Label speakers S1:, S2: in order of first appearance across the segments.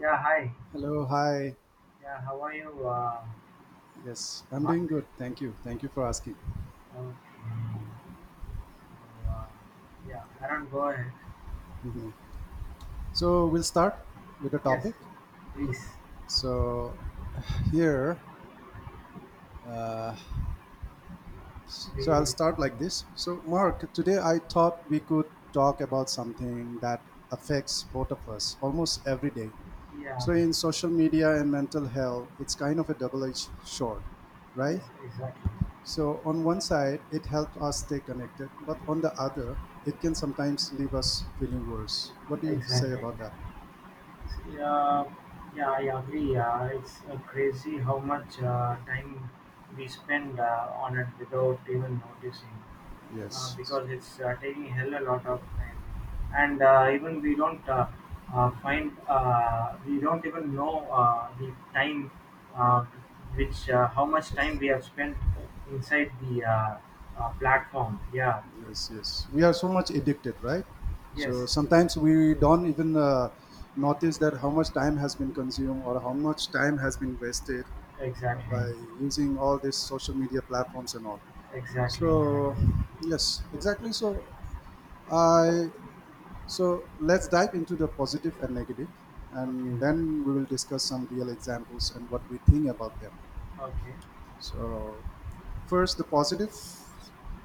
S1: Yeah, hi.
S2: Hello, hi.
S1: Yeah, how are you,
S2: Yes, I'm
S1: Mark?
S2: doing good. Thank you. Thank you for asking.
S1: Okay. So, yeah, Aaron, go ahead.
S2: Mhm. So, we'll start with the
S1: Yes,
S2: topic.
S1: please.
S2: So, here, uh, so I'll
S1: We,
S2: start like this. So, Mark, today I thought we could talk about something that affects both of us almost every day.
S1: yeah,
S2: So, in social media and mental health, it's kind of a double edged sword,
S1: yes,
S2: right?
S1: exactly.
S2: So on one side, it helps us stay connected, but on the other, it can sometimes leave us feeling worse. What do you say
S1: Exactly.
S2: about that?
S1: So, yeah, I agree. It's crazy how much time we spend on it without even noticing.
S2: Yes,
S1: Because it's taking hell a lot of time and even we don't find we don't even know the time uh, which how much time we have spent inside the platform. Yeah,
S2: yes, yes. We are so much addicted, right? So
S1: yes,
S2: sometimes we don't even notice that how much time has been consumed or how much time has been wasted
S1: exactly.
S2: by using all these social media platforms and all.
S1: Exactly, exactly.
S2: So yes, exactly. I So let's dive into the positive and negative, and
S1: Okay,
S2: then we will discuss some real examples and what we think about them.
S1: okay,
S2: So, first, the positive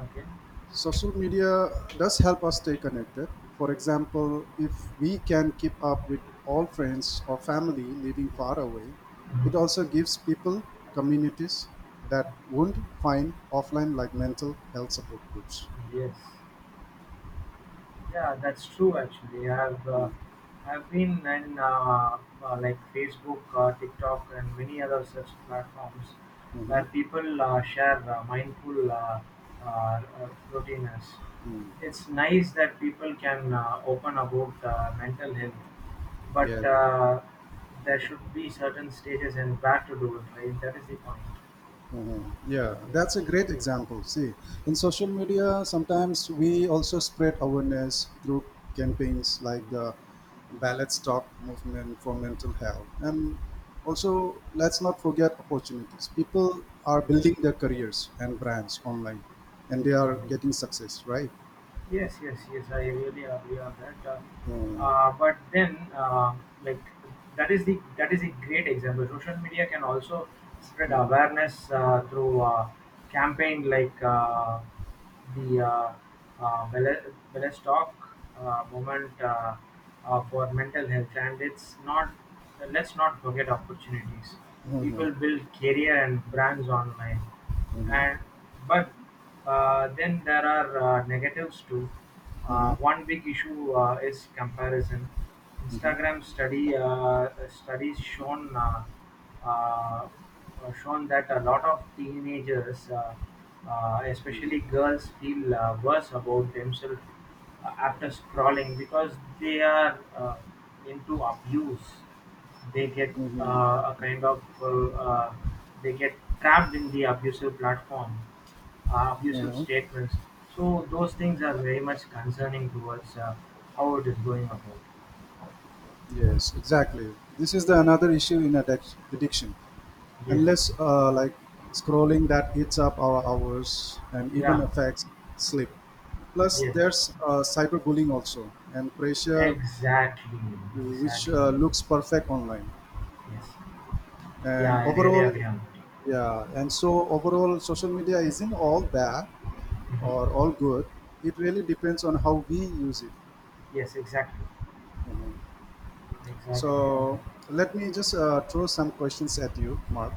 S1: okay.
S2: social media does help us stay connected. For example, if we can keep up with all friends or family living far away,
S1: Mhm.
S2: it also gives people communities that won't find offline, like mental health support groups.
S1: Yes. Yeah, that's true. Actually,
S2: Mm-hmm.
S1: I've been in like Facebook, TikTok, and many other such platforms
S2: Mm-hmm.
S1: where people share mindful routines.
S2: Mm.
S1: It's nice that people can open about mental health,
S2: Yeah.
S1: but there should be certain stages and where to do it. Right, that is the point.
S2: Mhm. Yeah,
S1: Yeah.
S2: that's a great example. See, in social media, sometimes we also spread awareness through campaigns like the ballot stock movement for mental health. And also, let's not forget opportunities. People are building their careers and brands online, and they
S1: Yeah.
S2: are getting success, right?
S1: Yes, yes, yes. I really agree on that.
S2: Mhm.
S1: But then, like that is a great example. Social media can also spread
S2: Mhm.
S1: awareness through campaign like the Bele- Belestock movement for mental health, and it's not. Let's not forget opportunities.
S2: Mhm.
S1: People build career and brands online,
S2: Mhm.
S1: and but then there are negatives too.
S2: Mhm.
S1: One big issue is comparison.
S2: Mhm.
S1: Instagram study studies shown uh, shown that a lot of teenagers, especially
S2: Mhm.
S1: girls, feel worse about themselves after scrolling because they are into abuse. They get
S2: Mhm.
S1: a kind of they get trapped in the abusive platform, abusive
S2: Mhm.
S1: statements. So those things are very much concerning towards how it is going about.
S2: Yes, exactly. This is the another issue in addiction.
S1: Yes.
S2: Unless like scrolling that eats up our hours and even
S1: Yeah.
S2: affects sleep. Plus,
S1: Yes.
S2: there's cyberbullying also and pressure,
S1: Exactly.
S2: which
S1: Exactly.
S2: looks perfect online.
S1: Yes. Yeah,
S2: And
S1: I really
S2: overall,
S1: agree on that.
S2: yeah, and so overall, social media isn't all bad or
S1: Mhm.
S2: all good. It really depends on how we use it.
S1: Yes, exactly.
S2: you know.
S1: Exactly.
S2: So let me just throw some questions at you, Mark.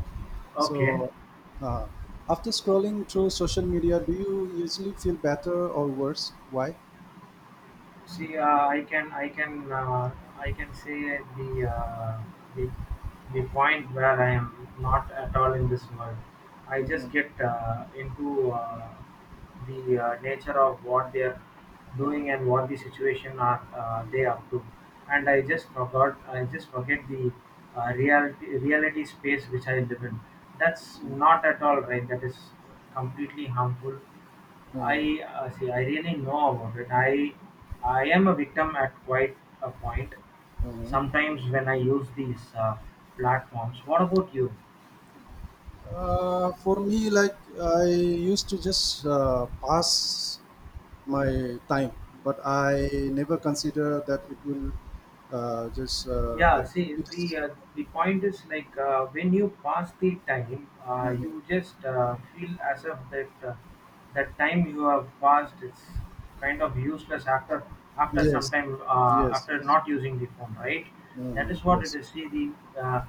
S1: Okay.
S2: So uh, after scrolling through social media, do you usually feel better or worse? Why?
S1: See, uh, I can say the the point where I am not at all in this world. I just
S2: Mhm,
S1: get into the nature of what they are
S2: mhm,
S1: doing and what the situation are they up to, and I just forgot. I just forget the reality space which I live in. That's
S2: mhm,
S1: not at all right. That is completely harmful,
S2: mhm,
S1: I see. I really know about it. I am a victim at quite a point.
S2: mhm.
S1: Sometimes when I use these platforms. What about you?
S2: For me, like I used to just pass my time, but I never consider that it will just
S1: Yeah.
S2: like
S1: See,
S2: it is-
S1: the point is like when you pass the time,
S2: Mhm.
S1: you just feel as if that that time you have passed is kind of useless after some
S2: Yes,
S1: time
S2: yes,
S1: after
S2: yes,
S1: not using the phone, right? That
S2: mhm,
S1: is what it
S2: yes.
S1: is. See. The. Uh,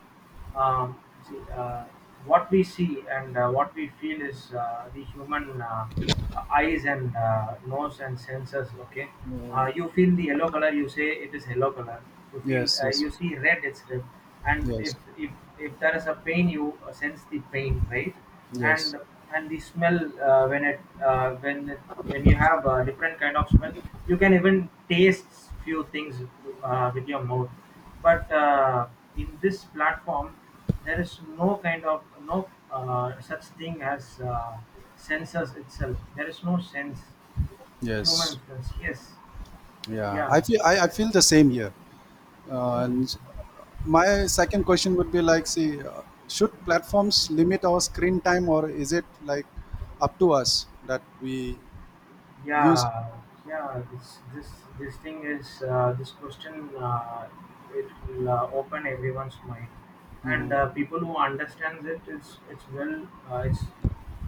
S1: um, See, what we see and what we feel is the human eyes and nose and senses, okay?
S2: Mhm.
S1: You feel the yellow color, you say it is yellow color. You feel
S2: Yes, yes,
S1: you see red, it's red. And
S2: yes,
S1: if there is a pain, you sense the pain, right?
S2: yes,
S1: And the smell when it, when you have a different kind of smell. You can even taste few things with your mouth, but in this platform, there is no no such thing as senses itself. There is no sense,
S2: yes.
S1: human sense. Yes,
S2: Yeah,
S1: yeah,
S2: I feel I feel the same here.
S1: yeah,
S2: And my second question would be like, see, should platforms limit our screen time, or is it like up to us that we use?
S1: yeah. Yeah. This thing is this question. It will open everyone's mind, and
S2: Hmm,
S1: people who understands it is it's well, it's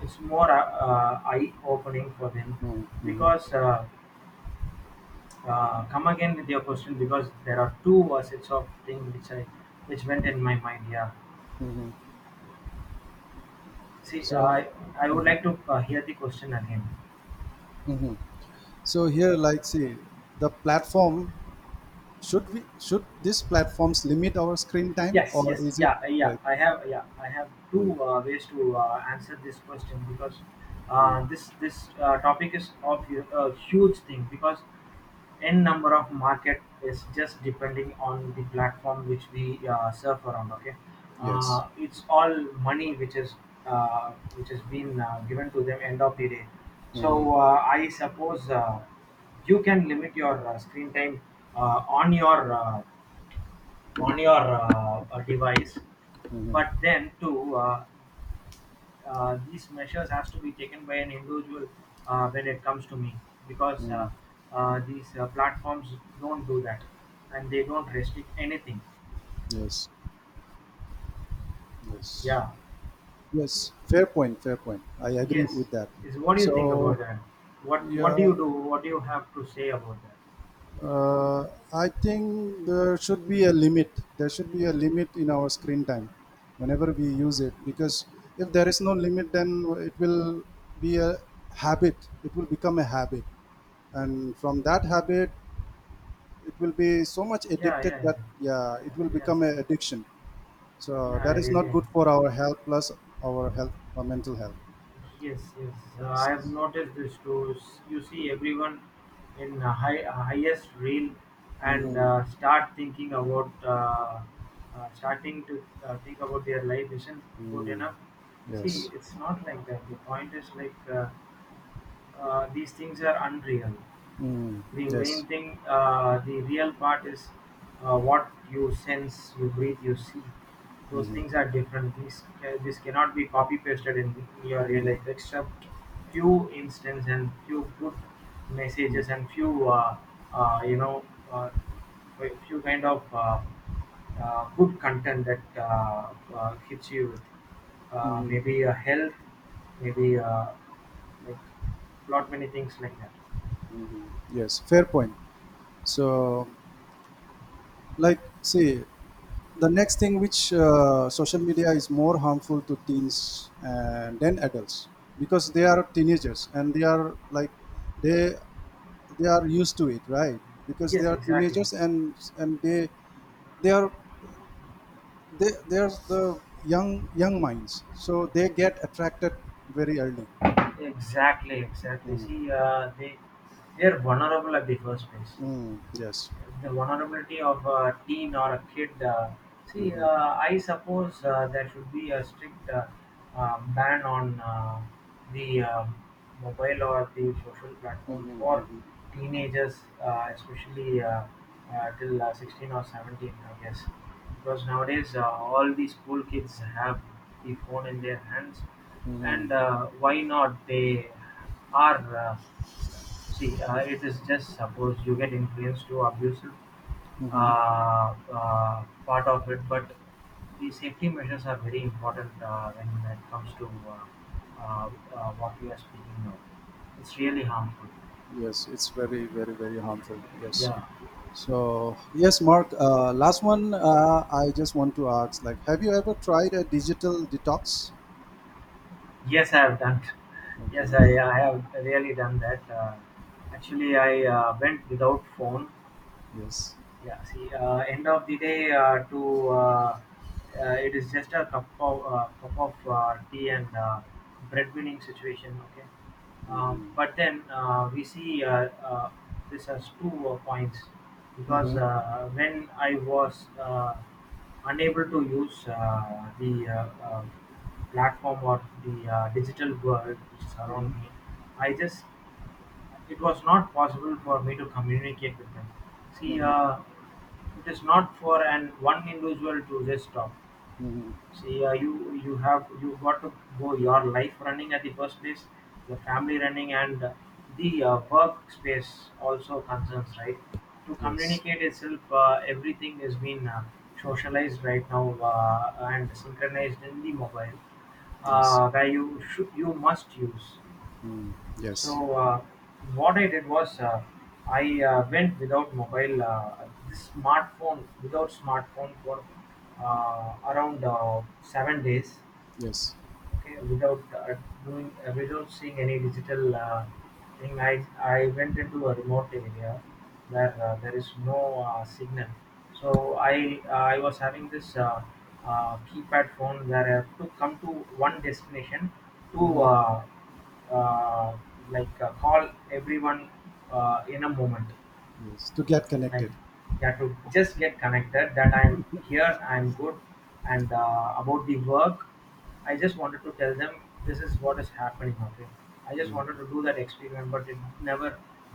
S1: more eye opening for them
S2: hmm, hmm,
S1: because. Come again with your question because there are two facets of thing which I which went in my mind. Yeah.
S2: hmm.
S1: See,
S2: So,
S1: I would
S2: hmm,
S1: like to hear the question again.
S2: hmm, so here, like, see, the platform should we should these platforms limit our screen time,
S1: Yes,
S2: or
S1: yes,
S2: is it
S1: yeah, yeah.
S2: like,
S1: I have
S2: mm,
S1: two ways to answer this question because
S2: mm,
S1: this topic is of hu- a huge thing because n-number of market is just depending on the platform which we surf around, okay?
S2: yes?
S1: It's all money which is which has been given to them end of the day.
S2: Mm-hmm.
S1: So I suppose you can limit your screen time uh, on your uh, on your device, but
S2: Mhm,
S1: then too, these measures has to be taken by an individual when it comes to me, because
S2: mhm.
S1: these platforms don't do that and they don't restrict anything.
S2: Yes, yes,
S1: Yeah,
S2: yes. Fair point, fair point. I agree
S1: yes.
S2: with that.
S1: Is what do you think
S2: So,
S1: about that? What do you
S2: yeah,
S1: have to say about that?
S2: uh, I think there should be a limit. There should be a limit in our screen time whenever we use it because if there is no limit, then it will be a habit. It will become a habit. And from that habit, it will be so much
S1: Yeah,
S2: addicted
S1: yeah, yeah.
S2: that, yeah, it will
S1: Yeah, yes.
S2: become an addiction. So
S1: Yeah, I
S2: that is not
S1: really.
S2: good for our health, plus our health, our mental health.
S1: Yes, yes. I have
S2: Yes.
S1: noticed this too. S- You see everyone in a highest reel and
S2: Mm-hmm.
S1: starting to think about their life isn't good enough.
S2: Mm.
S1: See,
S2: Yes.
S1: it's not like that. The point is like, these things are unreal.
S2: Mm.
S1: The
S2: Yes.
S1: main thing, the real part is what you sense, you breathe, you see. Those things
S2: Mm-hmm.
S1: are different. This cannot be copy pasted in your real
S2: Mm-hmm.
S1: life, except few instances and few good messages and few uh, you know uh, few kind of good content that hits you with
S2: Mm-hmm.
S1: maybe a health, maybe like lot many things like that.
S2: Mm-hmm. Yes. Fair point. So, like, see, the next thing which social media is more harmful to teens than adults because they are teenagers and they are like they they are used to it, right? Because they
S1: Yes,
S2: are
S1: exactly,
S2: teenagers and they are they they're the young young minds, so they get attracted very early.
S1: exactly. Exactly,
S2: Mm.
S1: see they are vulnerable at the first place,
S2: Mm. Yes,
S1: the vulnerability of a teen or a kid.
S2: hmm,
S1: See,
S2: hmm,
S1: I suppose there should be a strict ban on the mobile or the social platforms for
S2: hmm,
S1: teenagers, especially till 16 or 17, I guess. Because nowadays, all the school kids have the phone in their hands,
S2: hmm,
S1: and why not? They are see, it is just suppose you get influenced to abusive
S2: hmm.
S1: uh, part of it, but the safety measures are very important when it comes to uh, what you are speaking of. It's really harmful.
S2: Yes, it's very very very harmful, yes.
S1: Yeah.
S2: So yes Mark, last one, I just want to ask, like, have you ever tried a digital detox?
S1: Yes, I have done. Yes,
S2: Okay.
S1: I have really done that. Actually, I went without phone.
S2: Yes,
S1: Yeah, see, end of the day, to it is just a cup of tea and breadwinning situation. Okay,
S2: hmm,
S1: but then we see this as two points, because
S2: hmm,
S1: when I was unable to use the platform or the digital world which is around
S2: hmm,
S1: me, I just it was not possible for me to communicate with them. See,
S2: hmm,
S1: it is not for an one individual to just stop.
S2: hmm,
S1: See, uh, you have you got to go your life running at the first place, the family running, and the work space also concerns, right? To
S2: yes,
S1: communicate itself, everything has been socialized right now and synchronized in the mobile,
S2: yes,
S1: where you must use.
S2: mm, yes,
S1: So what I did was I went without mobile, this smartphone without smartphone for around 7 days,
S2: yes,
S1: okay? Without doing without seeing any digital thing. I went into a remote area where there is no signal. So i I was having this keypad phone where I have to come to one destination to
S2: hmm,
S1: uh, call everyone in a moment,
S2: yes to get
S1: like,
S2: connected,
S1: yeah, to just get connected that I'm here, I'm good. And about the work, I just wanted to tell them this is what is happening, okay? I just
S2: mm.
S1: wanted to do that experiment, but it never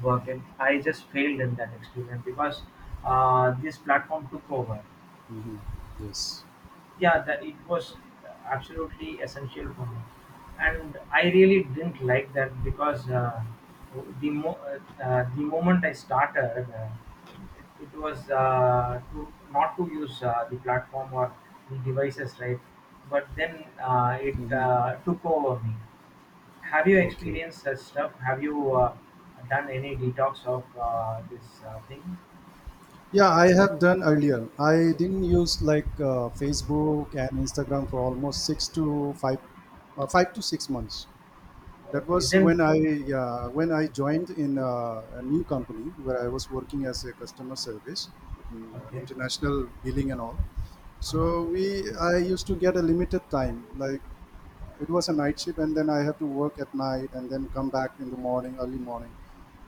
S1: worked and I just failed in that experiment because this platform took over.
S2: Mhm. Yes,
S1: Yeah, that it was absolutely essential for me, and I really didn't like that because the moment I started it, it was to not to use the platform or the devices, right? But then it
S2: hmm,
S1: took over me. Have you
S2: okay,
S1: experienced such stuff? Have you done any detox of this thing?
S2: yeah, I have done earlier. I didn't use like Facebook and Instagram for almost six to five 5 to 6 months. That
S1: Okay,
S2: was
S1: then.
S2: when I, yeah, when I joined in a new company where I was working as a customer service, in,
S1: Okay.
S2: international billing and all. So
S1: Uh-huh.
S2: we I used to get a limited time. Like it was a night shift, and then I had to work at night and then come back in the morning, early morning,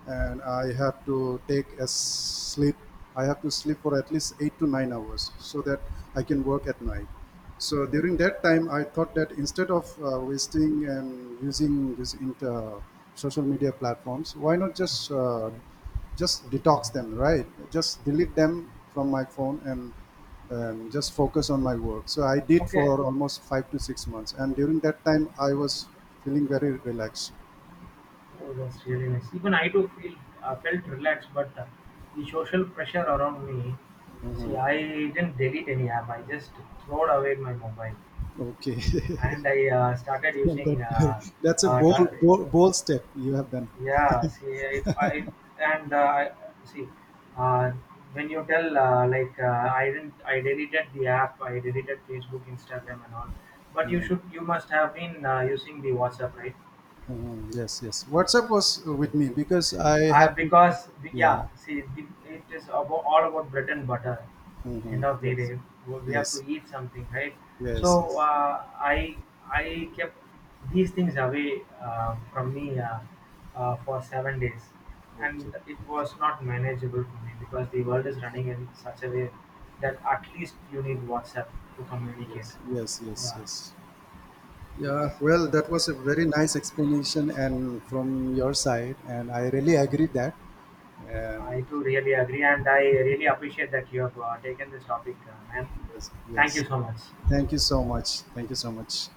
S2: and I had to take a sleep. I have to sleep for at least 8 to 9 hours so that I can work at night. So during that time, I thought that instead of wasting and using this inter social media platforms, why not just just detox them, right? Just delete them from my phone and just focus on my work. So I did
S1: Okay.
S2: for almost 5 to 6 months, and during that time, I was feeling very relaxed.
S1: Oh, that's really nice. Even I too feel felt relaxed, but the social pressure around me. See,
S2: Mhm.
S1: I didn't delete any app. I just throwed away my mobile,
S2: Okay,
S1: and I started using.
S2: that, that's a
S1: Uh, ta-
S2: bold, bold bold step you have done.
S1: yeah, see, and uh, I- see, uh, when you tell like, I didn't, I deleted the app. I deleted Facebook, Instagram, and all. But you
S2: Mhm.
S1: should, you must have been using the WhatsApp, right?
S2: Mhm. Yes, yes. WhatsApp was with me because I
S1: Uh,
S2: have to
S1: because yeah,
S2: Yeah.
S1: see, the, it is about, all about bread and butter.
S2: Mm-hmm.
S1: End of the
S2: Yes.
S1: day, we have to
S2: Yes.
S1: eat something, right?
S2: Yes.
S1: So
S2: Yes.
S1: I kept these things away from me for 7 days,
S2: Okay.
S1: and it
S2: Okay.
S1: was not manageable for me because the world is running in such a way that at least you need WhatsApp to communicate.
S2: Yes. Yes. Yes.
S1: Yeah,
S2: Yes. Yeah.
S1: yes,
S2: Well, that was a very nice explanation and from your side, and I really agree that.
S1: I
S2: And
S1: too really agree, and I really appreciate that you have taken this topic, man.
S2: yes.
S1: Thank you
S2: Yes.
S1: so much.
S2: Thank you so much. Thank you so much.